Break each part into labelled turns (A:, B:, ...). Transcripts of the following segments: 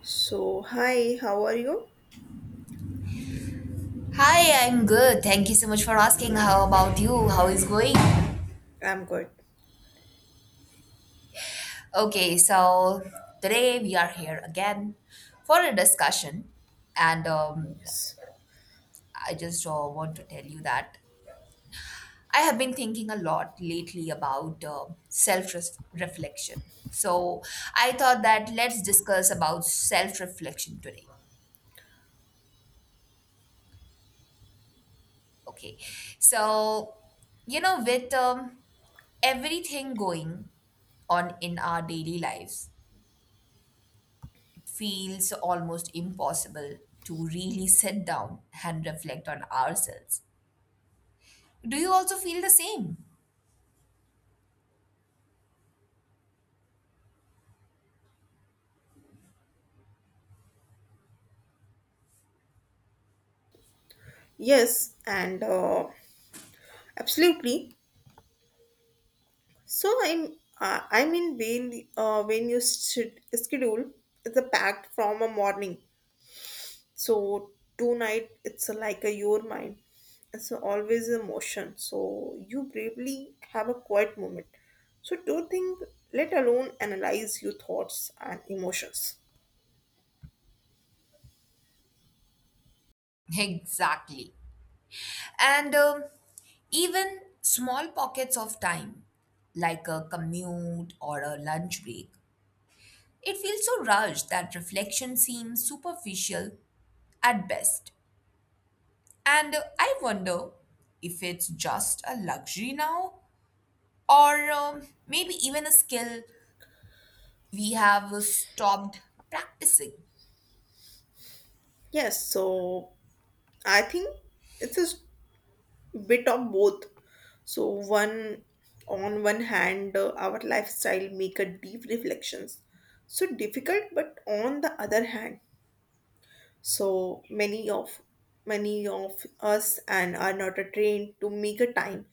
A: So, hi, how are you?
B: Hi, I'm good. Thank you so much for asking. How about you? How is going?
A: I'm good.
B: Okay. Today we are here again for a discussion, and
A: Yes.
B: I just want to tell you that I have been thinking a lot lately about self-reflection. So I thought that let's discuss about self-reflection today. Okay, so you know, with Everything going on in our daily lives feels almost impossible to really sit down and reflect on ourselves. Do you also feel the same?
A: Yes, and absolutely. So I'm I mean when you should schedule it's a packed from a morning. So tonight it's like a your mind. It's always a motion. So you bravely have a quiet moment. So don't think, let alone analyze your thoughts and emotions.
B: Exactly. And Even small pockets of time, like a commute or a lunch break, it feels so rushed that reflection seems superficial at best. And I wonder if it's just a luxury now, or maybe even a skill we have stopped practicing,
A: Yes, so I think it is bit of both, so one on one hand our lifestyle make a deep reflections so difficult, but on the other hand so many of us and are not trained to make a time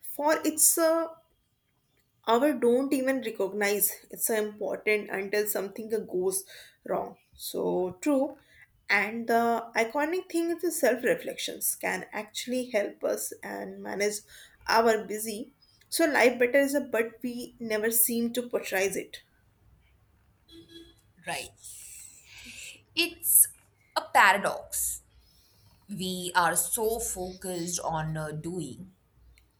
A: for it's, our don't even recognize it's so important until something goes wrong. So true, and the iconic thing is the self reflections can actually help us and manage our busy so life better is a but we never seem to portray it.
B: right? It's a paradox. We are so focused on doing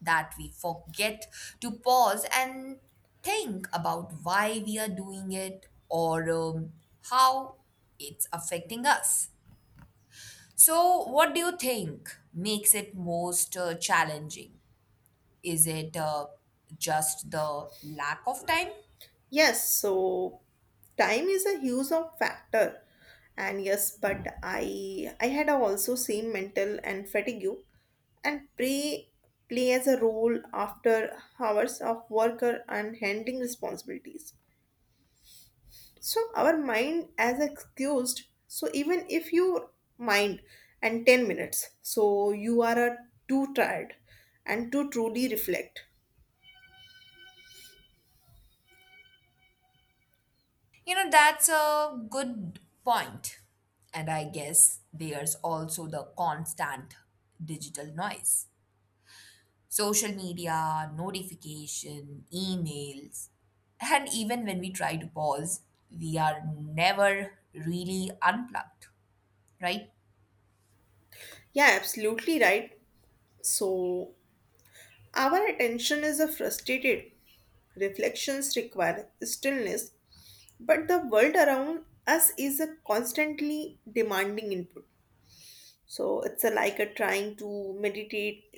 B: that we forget to pause and think about why we are doing it or how it's affecting us. So, what do you think makes it most challenging? Is it just the lack of time?
A: Yes, so time is a huge of factor. And yes, but I had also seen mental and fatigue and pre play as a role after hours of worker and handling responsibilities. So our mind as excused. So even if you mind and 10 minutes, so you are too tired and to truly reflect.
B: You know, that's a good point. And I guess there's also the constant digital noise. Social media, notification, emails. And even when we try to pause, we are never really unplugged, right?
A: Yeah, absolutely right. So our attention is a frustrated. Reflections require stillness, but the world around us is a constantly demanding input. So it's a, like a trying to meditate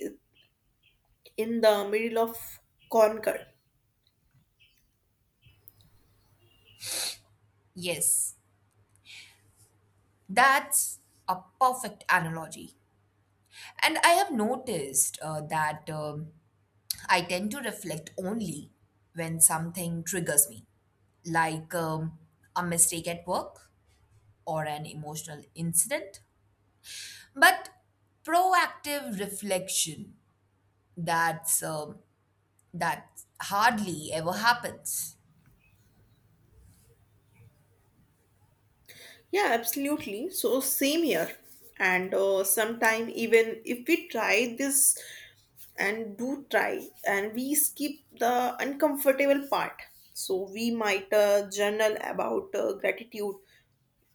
A: in the middle of concord.
B: Yes, that's a perfect analogy. And I have noticed that I tend to reflect only when something triggers me like a mistake at work or an emotional incident but proactive reflection that's um, that hardly ever happens.
A: Yeah, absolutely. So same here. And sometime even if we try this and do try and we skip the uncomfortable part. So we might journal about gratitude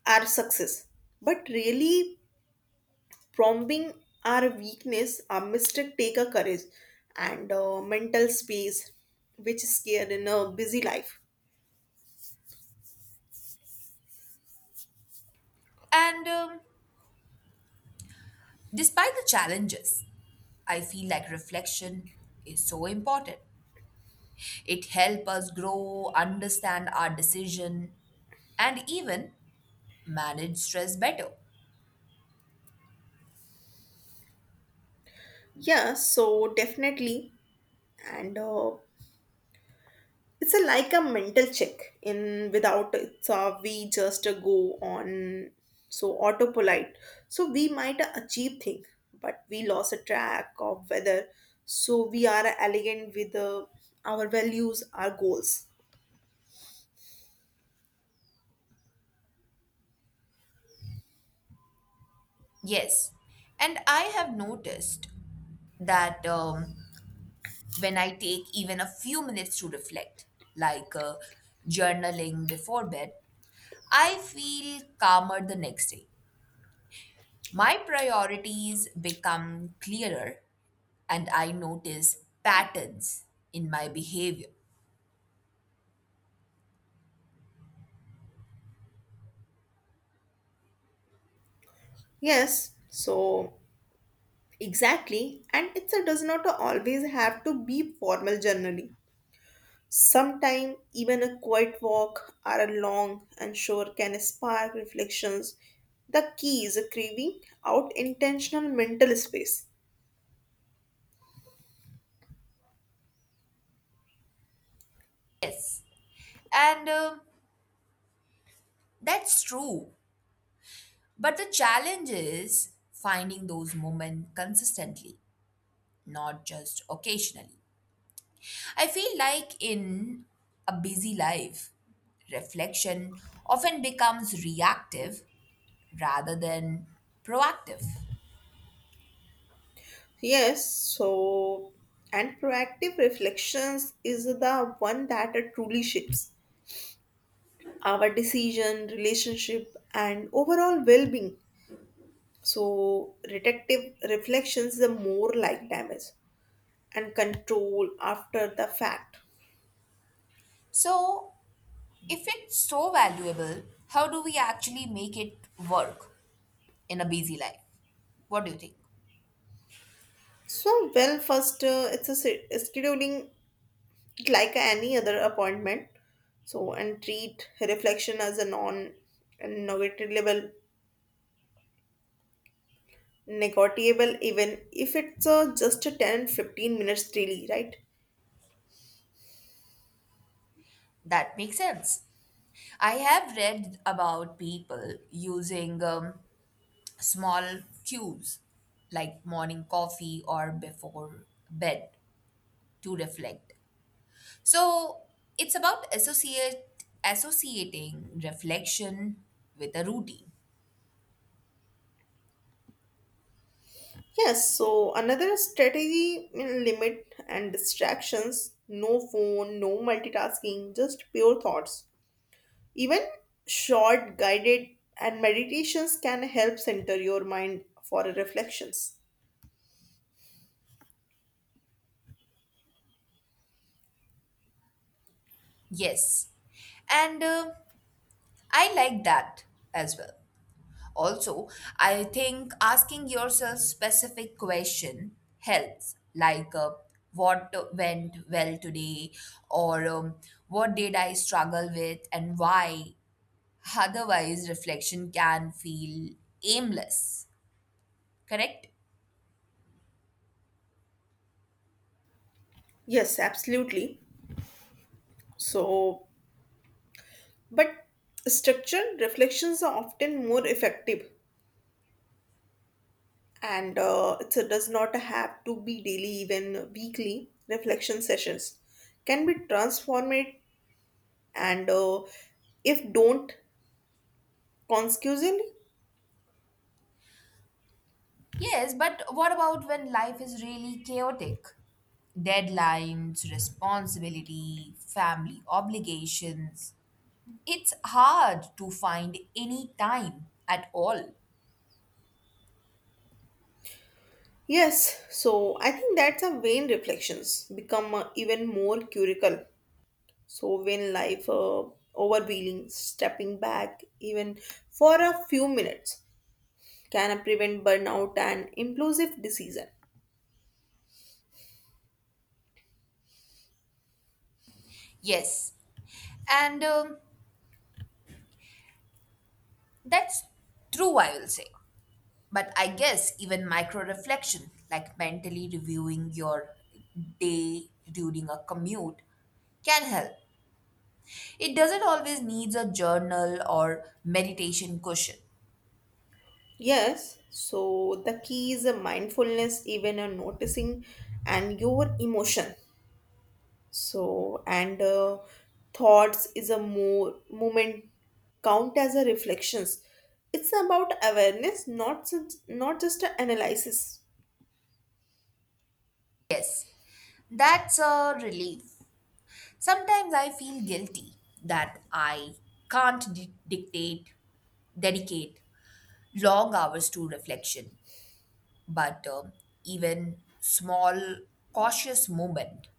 A: our success. But really, prompting our weakness, our mistake take a courage and mental space, which is scared in a busy life.
B: And despite the challenges, I feel like reflection is so important. It helps us grow, understand our decision, and even manage stress better.
A: Yeah, so definitely, and it's a, like a mental check. In without it's, we just go on so autopolite. So we might achieve thing, but we lost a track of whether so we are elegant with our values, our goals.
B: Yes, and I have noticed that when I take even a few minutes to reflect, like journaling before bed, I feel calmer the next day. My priorities become clearer and I notice patterns in my behavior.
A: Yes, so exactly, and it's a does not always have to be formal journaling. Sometimes even a quiet walk or a long and sure can spark reflections. The key is craving out intentional mental space.
B: Yes, and that's true. But the challenge is finding those moments consistently, not just occasionally. I feel like in a busy life, reflection often becomes reactive rather than proactive.
A: Yes, so and proactive reflections is the one that truly shapes our decision, relationship, and overall well-being. So detective reflections the more like damage and control after the fact.
B: So, if it's so valuable, how do we actually make it work in a busy life? What do you think?
A: So well, first it's a scheduling it like any other appointment. So and treat reflection as a non and negotiable even if it's just a 10, 15 minutes daily, right.
B: That makes sense. I have read about people using small cues like morning coffee or before bed to reflect. So it's about associate associating reflection with a routine.
A: Yes, so another strategy in limit and distractions, no phone, no multitasking, just pure thoughts. Even short guided and meditations can help center your mind for reflections.
B: Yes, and I like that as well. Also, I think asking yourself specific question helps, like what went well today, or what did I struggle with, and why. Otherwise, reflection can feel aimless. Correct?
A: Yes, absolutely. So, but structured reflections are often more effective, and it does not have to be daily, even weekly. Reflection sessions can be transformed, and if don't consecutively.
B: Yes, but what about when life is really chaotic? Deadlines, responsibility, family obligations. It's hard to find any time at all.
A: Yes. So I think that's a vain reflections become even more curical. So when life overwhelming, stepping back even for a few minutes can prevent burnout and impulsive decision.
B: Yes, and that's true, I will say. But I guess even micro reflection, like mentally reviewing your day during a commute, can help. It doesn't always needs a journal or meditation cushion.
A: Yes, so the key is a mindfulness, even a noticing and your emotion. So and thoughts is a more moment count as a reflections. It's about awareness, not just a analysis.
B: That's a relief. Sometimes I feel guilty that I can't di- dictate, dedicate long hours to reflection. But even small, cautious moment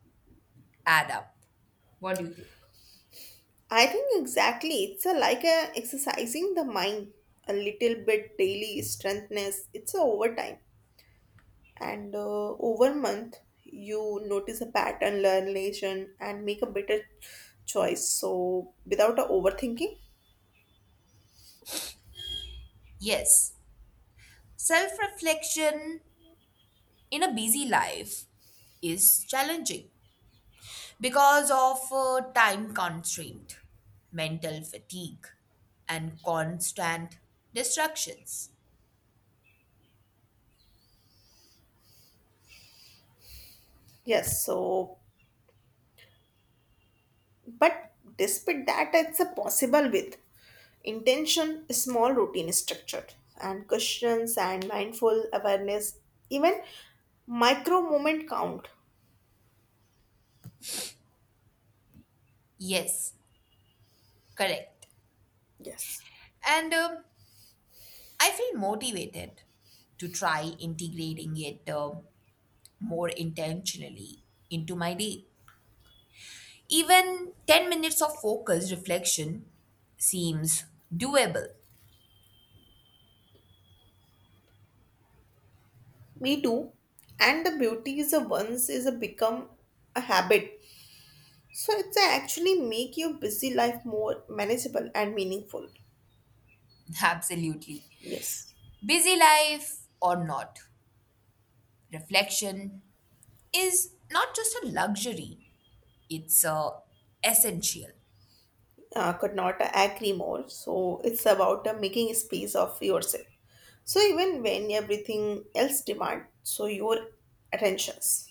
B: add up. What do you think?
A: I think exactly. It's a, like a exercising the mind a little bit daily strengthness. It's a over time, and over month you notice a pattern, learn relation, and make a better choice. So without a overthinking,
B: Yes, self reflection in a busy life is challenging because of time constraint, mental fatigue, and constant distractions.
A: yes. So but despite that, it's a possible with intention, small routine structure, and questions and mindful awareness. Even micro moment count.
B: Yes, correct.
A: Yes.
B: And I feel motivated to try integrating it more intentionally into my day. Even 10 minutes of focused reflection seems doable.
A: Me too. And the beauty is a once is a become a habit. So it's a actually make your busy life more manageable and meaningful.
B: Absolutely.
A: Yes,
B: Busy life or not, reflection is not just a luxury, it's essential.
A: could not agree more. So it's about making space of yourself. So even when everything else demand, so your attentions.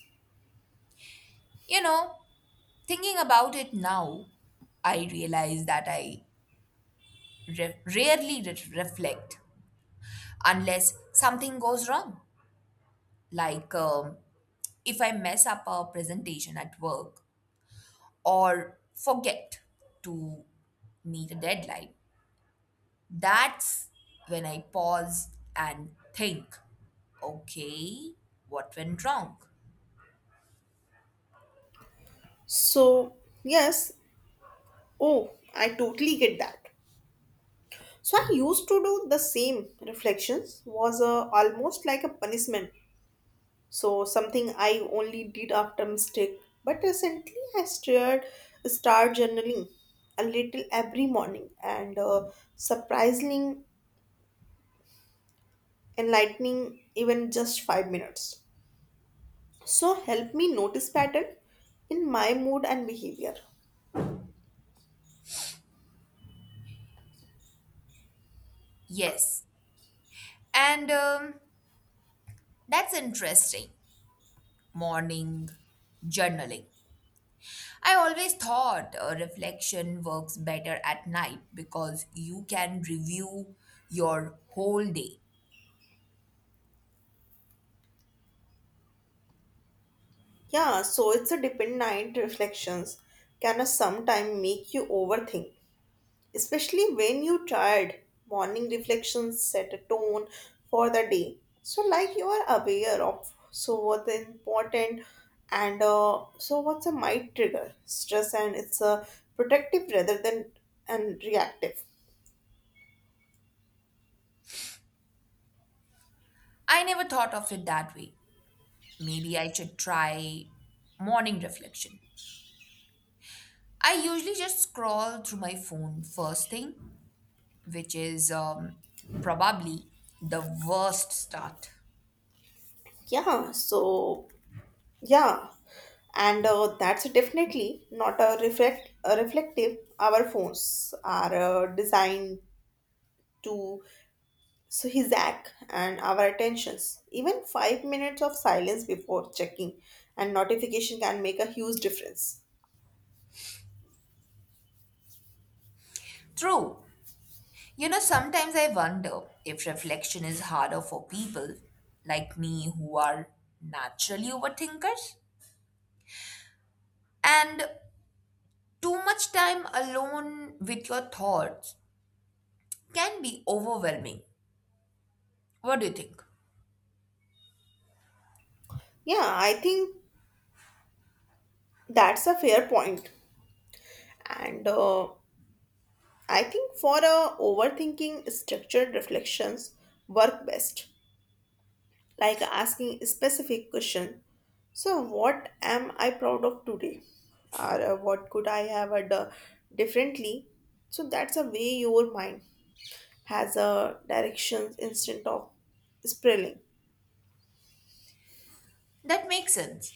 B: You know, thinking about it now, I realize that I rarely reflect unless something goes wrong. Like if I mess up a presentation at work or forget to meet a deadline, that's when I pause and think, okay, what went wrong?
A: So yes, oh, I totally get that. So I used to do the same reflections was almost like a punishment. So something I only did after mistake. But recently I start journaling a little every morning, and surprisingly enlightening even just 5 minutes. So help me notice pattern in my mood and behavior.
B: Yes. And that's interesting. Morning journaling. I always thought reflection works better at night because you can review your whole day.
A: Yeah, so it's a dependent reflections can sometimes make you overthink, especially when you're tired. Morning reflections set a tone for the day. So, like you are aware of so what the important, and so what's a might trigger stress and it's a protective rather than and reactive.
B: I never thought of it that way. Maybe I should try morning reflection. I usually just scroll through my phone first thing, which is probably the worst start.
A: Yeah. Yeah, and that's definitely not a reflective. Our phones are designed to so his act and our attentions, even 5 minutes of silence before checking and notification can make a huge difference.
B: True. You know, sometimes I wonder if reflection is harder for people like me who are naturally overthinkers. And too much time alone with your thoughts can be overwhelming. What do you think?
A: Yeah, I think that's a fair point. And I think for overthinking, structured reflections work best, like asking a specific question. So, what am I proud of today? Or what could I have done differently? So, that's a way your mind has a direction instead of sprilling.
B: That makes sense.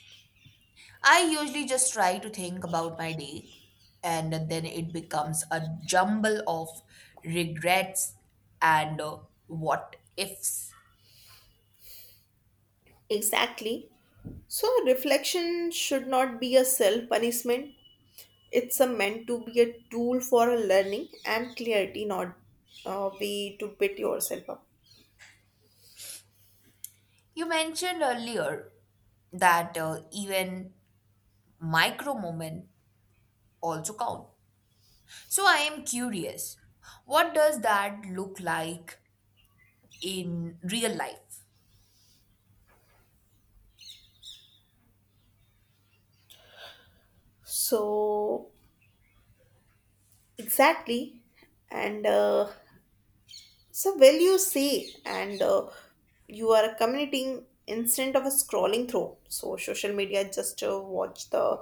B: I usually just try to think about my day, and then it becomes a jumble of regrets and what ifs.
A: Exactly. So reflection should not be a self punishment. It's a meant to be a tool for a learning and clarity, not a way to beat yourself up.
B: You mentioned earlier that even micro moment also count. So I am curious, what does that look like in real life?
A: So exactly, and so, well, you say, and you are communicating instead of scrolling through. So, social media just watch the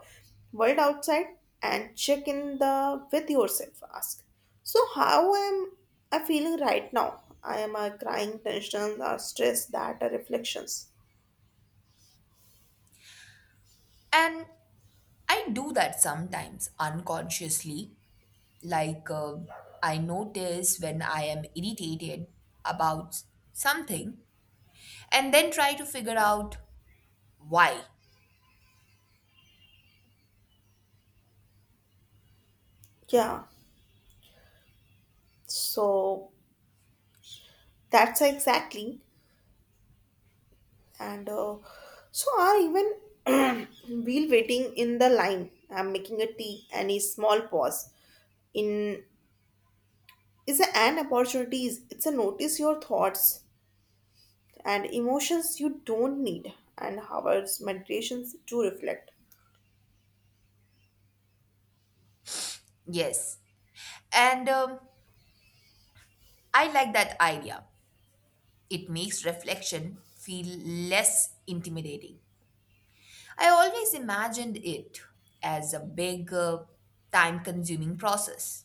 A: world outside and check in the with yourself. Ask. So, how am I feeling right now? I am crying, tension, or stress. That are reflections.
B: And I do that sometimes unconsciously. Like, I notice when I am irritated about something and then try to figure out why.
A: Yeah. So that's exactly. And so are even wheel waiting in the line. I'm making a tea. Any small pause in is an opportunities it's a notice your thoughts and emotions, you don't need and hours meditations to reflect.
B: Yes. And I like that idea. It makes reflection feel less intimidating. I always imagined it as a big, time consuming process.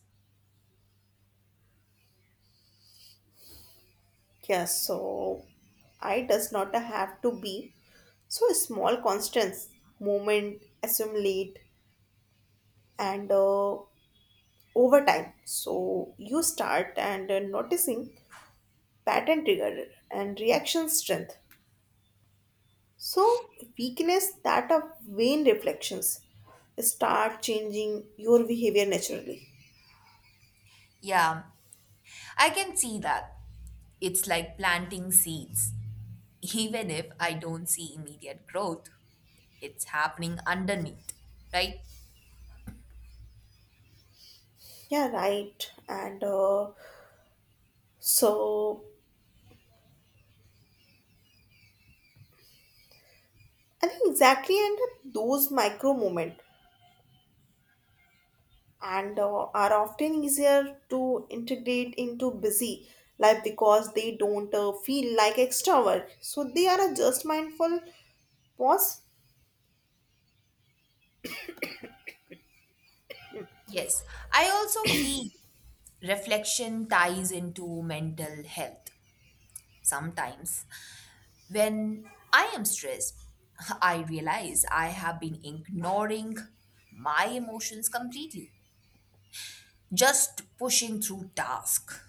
A: Yes, so I does not have to be so small constants moment assimilate, and over time so you start and noticing pattern trigger and reaction strength. So, weakness that of vain reflections start changing your behavior naturally.
B: Yeah, I can see that. It's like planting seeds, even if I don't see immediate growth, it's happening underneath, right?
A: Yeah, right. And so, I think exactly, and those micro moment and are often easier to integrate into busy life because they don't feel like extra work. So, they are a just mindful pause.
B: Yes. I also feel reflection ties into mental health sometimes. When I am stressed, I realize I have been ignoring my emotions completely, just pushing through tasks.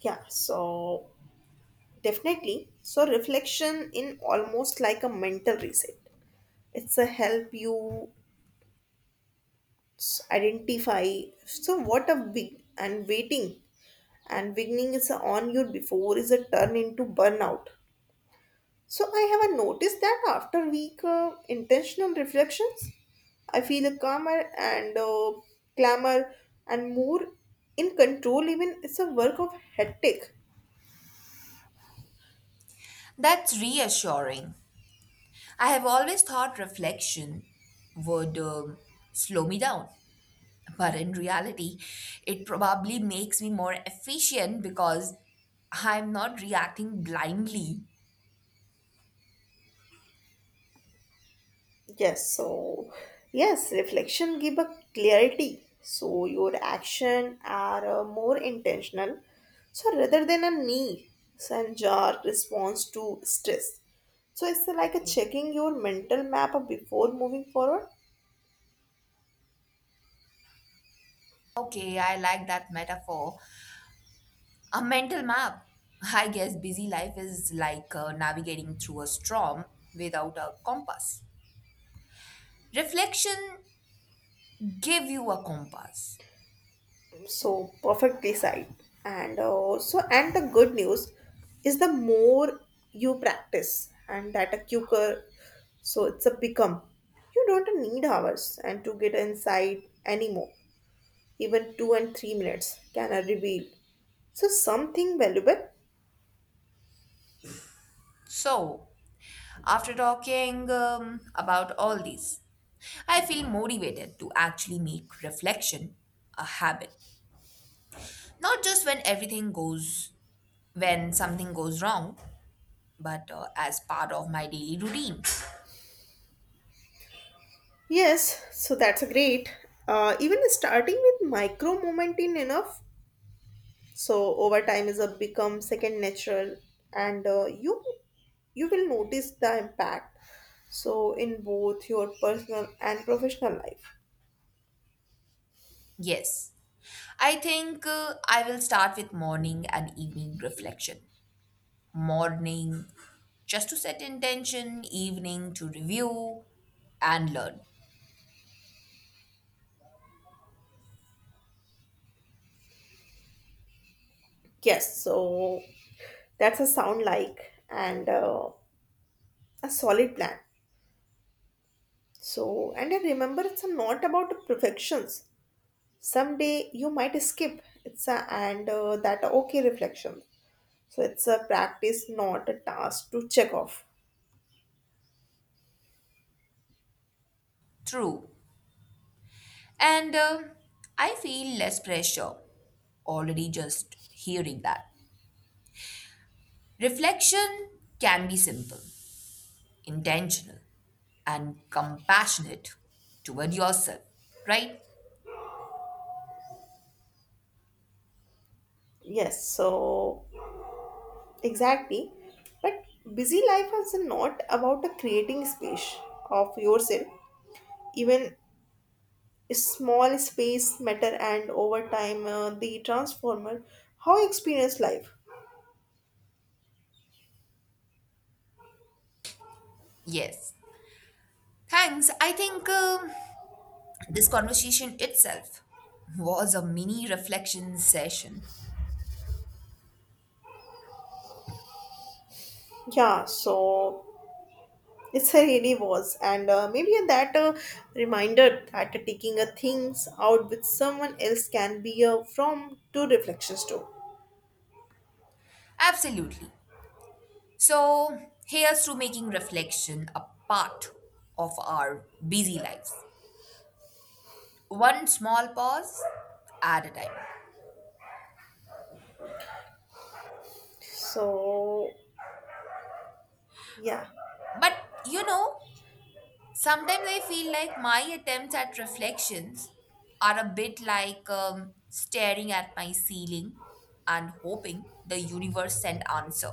A: Yeah, so definitely. So, reflection in almost like a mental reset it's a help you identify so what a big and waiting and beginning is a on you before is a turn into burnout. So I have a noticed that after week intentional reflections I feel a calmer and clamor and more in control even it's a work of hectic.
B: That's reassuring. I have always thought reflection would slow me down. But in reality, it probably makes me more efficient because I'm not reacting blindly.
A: Yes, reflection give a clarity. So your action are more intentional. So rather than a knee so, and sanjar response to stress. So it's like a checking your mental map before moving forward.
B: Okay, I like that metaphor. A mental map. I guess busy life is like navigating through a storm without a compass. Reflection give you a compass.
A: So perfectly side. And so and the good news is the more you practice and that a quicker so it's a become. You don't need hours and to get inside anymore. Even 2 and 3 minutes can I reveal. So something valuable?
B: So, after talking about all these, I feel motivated to actually make reflection a habit. Not just when everything goes when something goes wrong, but as part of my daily routine.
A: Yes, so that's a great. Even starting with micro moment in enough. So over time is a become second natural, and you will notice the impact. So in both your personal and professional life.
B: Yes, I think I will start with morning and evening reflection. Morning, just to set intention, evening, to review and learn.
A: Yes, so that's a sound like and a solid plan. So and I remember it's not about perfections, someday you might skip it's a, and that okay reflection so it's a practice not a task to check off.
B: True. And I feel less pressure already just hearing that. Reflection can be simple, intentional, and compassionate toward yourself, right?
A: Yes, so exactly, but busy life is not about a creating space of yourself, even small space matter and over time the transformer how you experience life.
B: Yes. Thanks. I think this conversation itself was a mini reflection session.
A: Yeah, so it really was, and maybe that reminder that taking a things out with someone else can be a from to reflections too.
B: Absolutely. So, here's to making reflection a part of our busy lives. One small pause at a time.
A: So, yeah,
B: But you know, sometimes I feel like my attempts at reflections are a bit like staring at my ceiling and hoping the universe send answer.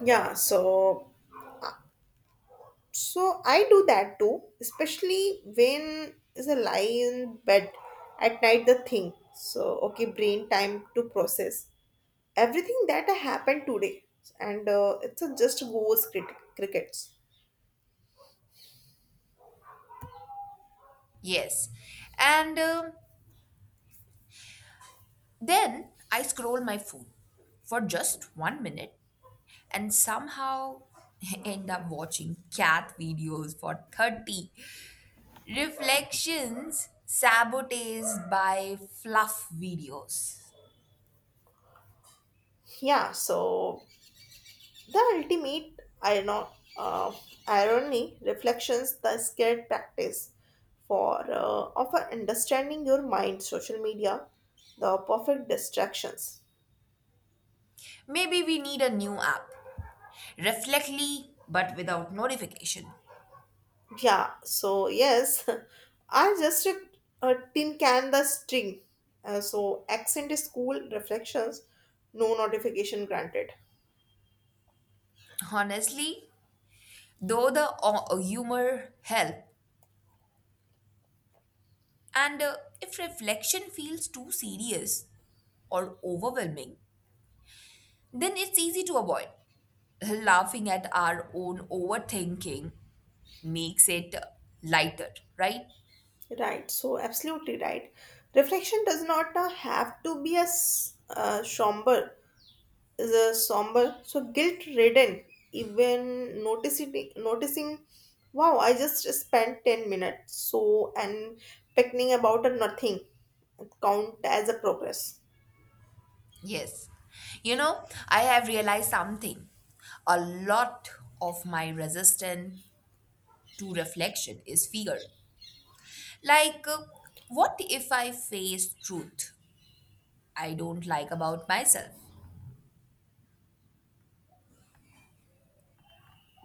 A: yeah. So I do that too, especially when is a lie in bed at night. The thing. So okay, brain time to process everything that happened today, and it's a just goes crickets.
B: Yes. And Then I scroll my phone for just 1 minute and somehow end up watching cat videos for 30. Reflections sabotaged by fluff videos.
A: Yeah. So the ultimate uh, irony reflections the scared practice for of understanding your mind, social media, the perfect distractions.
B: Maybe we need a new app. Reflectly, but without notification.
A: Yeah, so yes, I just a tin can the string. So accent is cool, reflections, no notification granted.
B: Honestly, though the humor help, and if reflection feels too serious or overwhelming, then it's easy to avoid. Laughing at our own overthinking makes it lighter, right?
A: Right, so absolutely right. Reflection does not have to be a somber is a somber so guilt ridden, even noticing, wow I just spent 10 minutes so and picking about a nothing count as a progress.
B: Yes. You know, I have realized something. A lot of my resistance to reflection is fear. Like, what if I face truth I don't like about myself?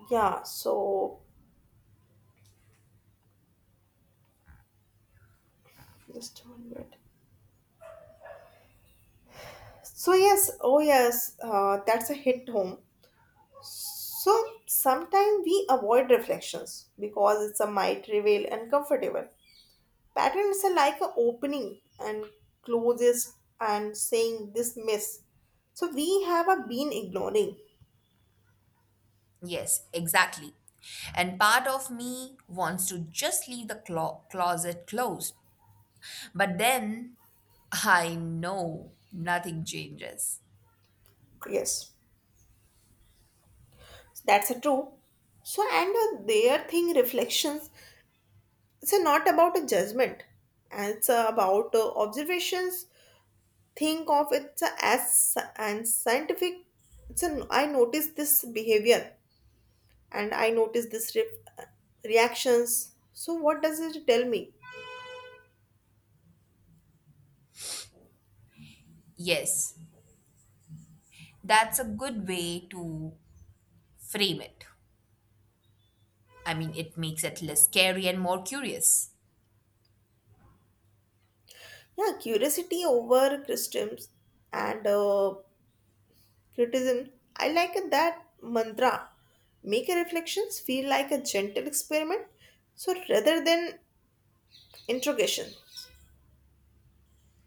A: Yeah, so just 1 minute, so yes, oh yes, that's a hit home so sometimes we avoid reflections because it's a might reveal uncomfortable patterns are like a opening and closes and saying this mess. So we have a been ignoring.
B: Yes, exactly. And part of me wants to just leave the closet closed. But then I know nothing changes.
A: Yes, that's a true. So and their thing reflections. It's a not about a judgment. And it's about observations. Think of it as and scientific. It's a I noticed this behavior and I noticed this reactions. So what does it tell me?
B: Yes, that's a good way to frame it. I mean, it makes it less scary and more curious.
A: Yeah, curiosity over criticisms and criticism. I like that mantra. Make your reflections feel like a gentle experiment, so rather than interrogation.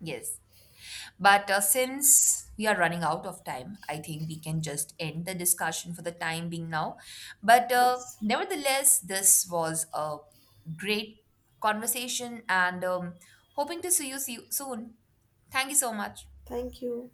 B: Yes. But since we are running out of time, I think we can just end the discussion for the time being now. But
A: Yes,
B: nevertheless, this was a great conversation and hoping to see you soon. Thank you so much.
A: thank you.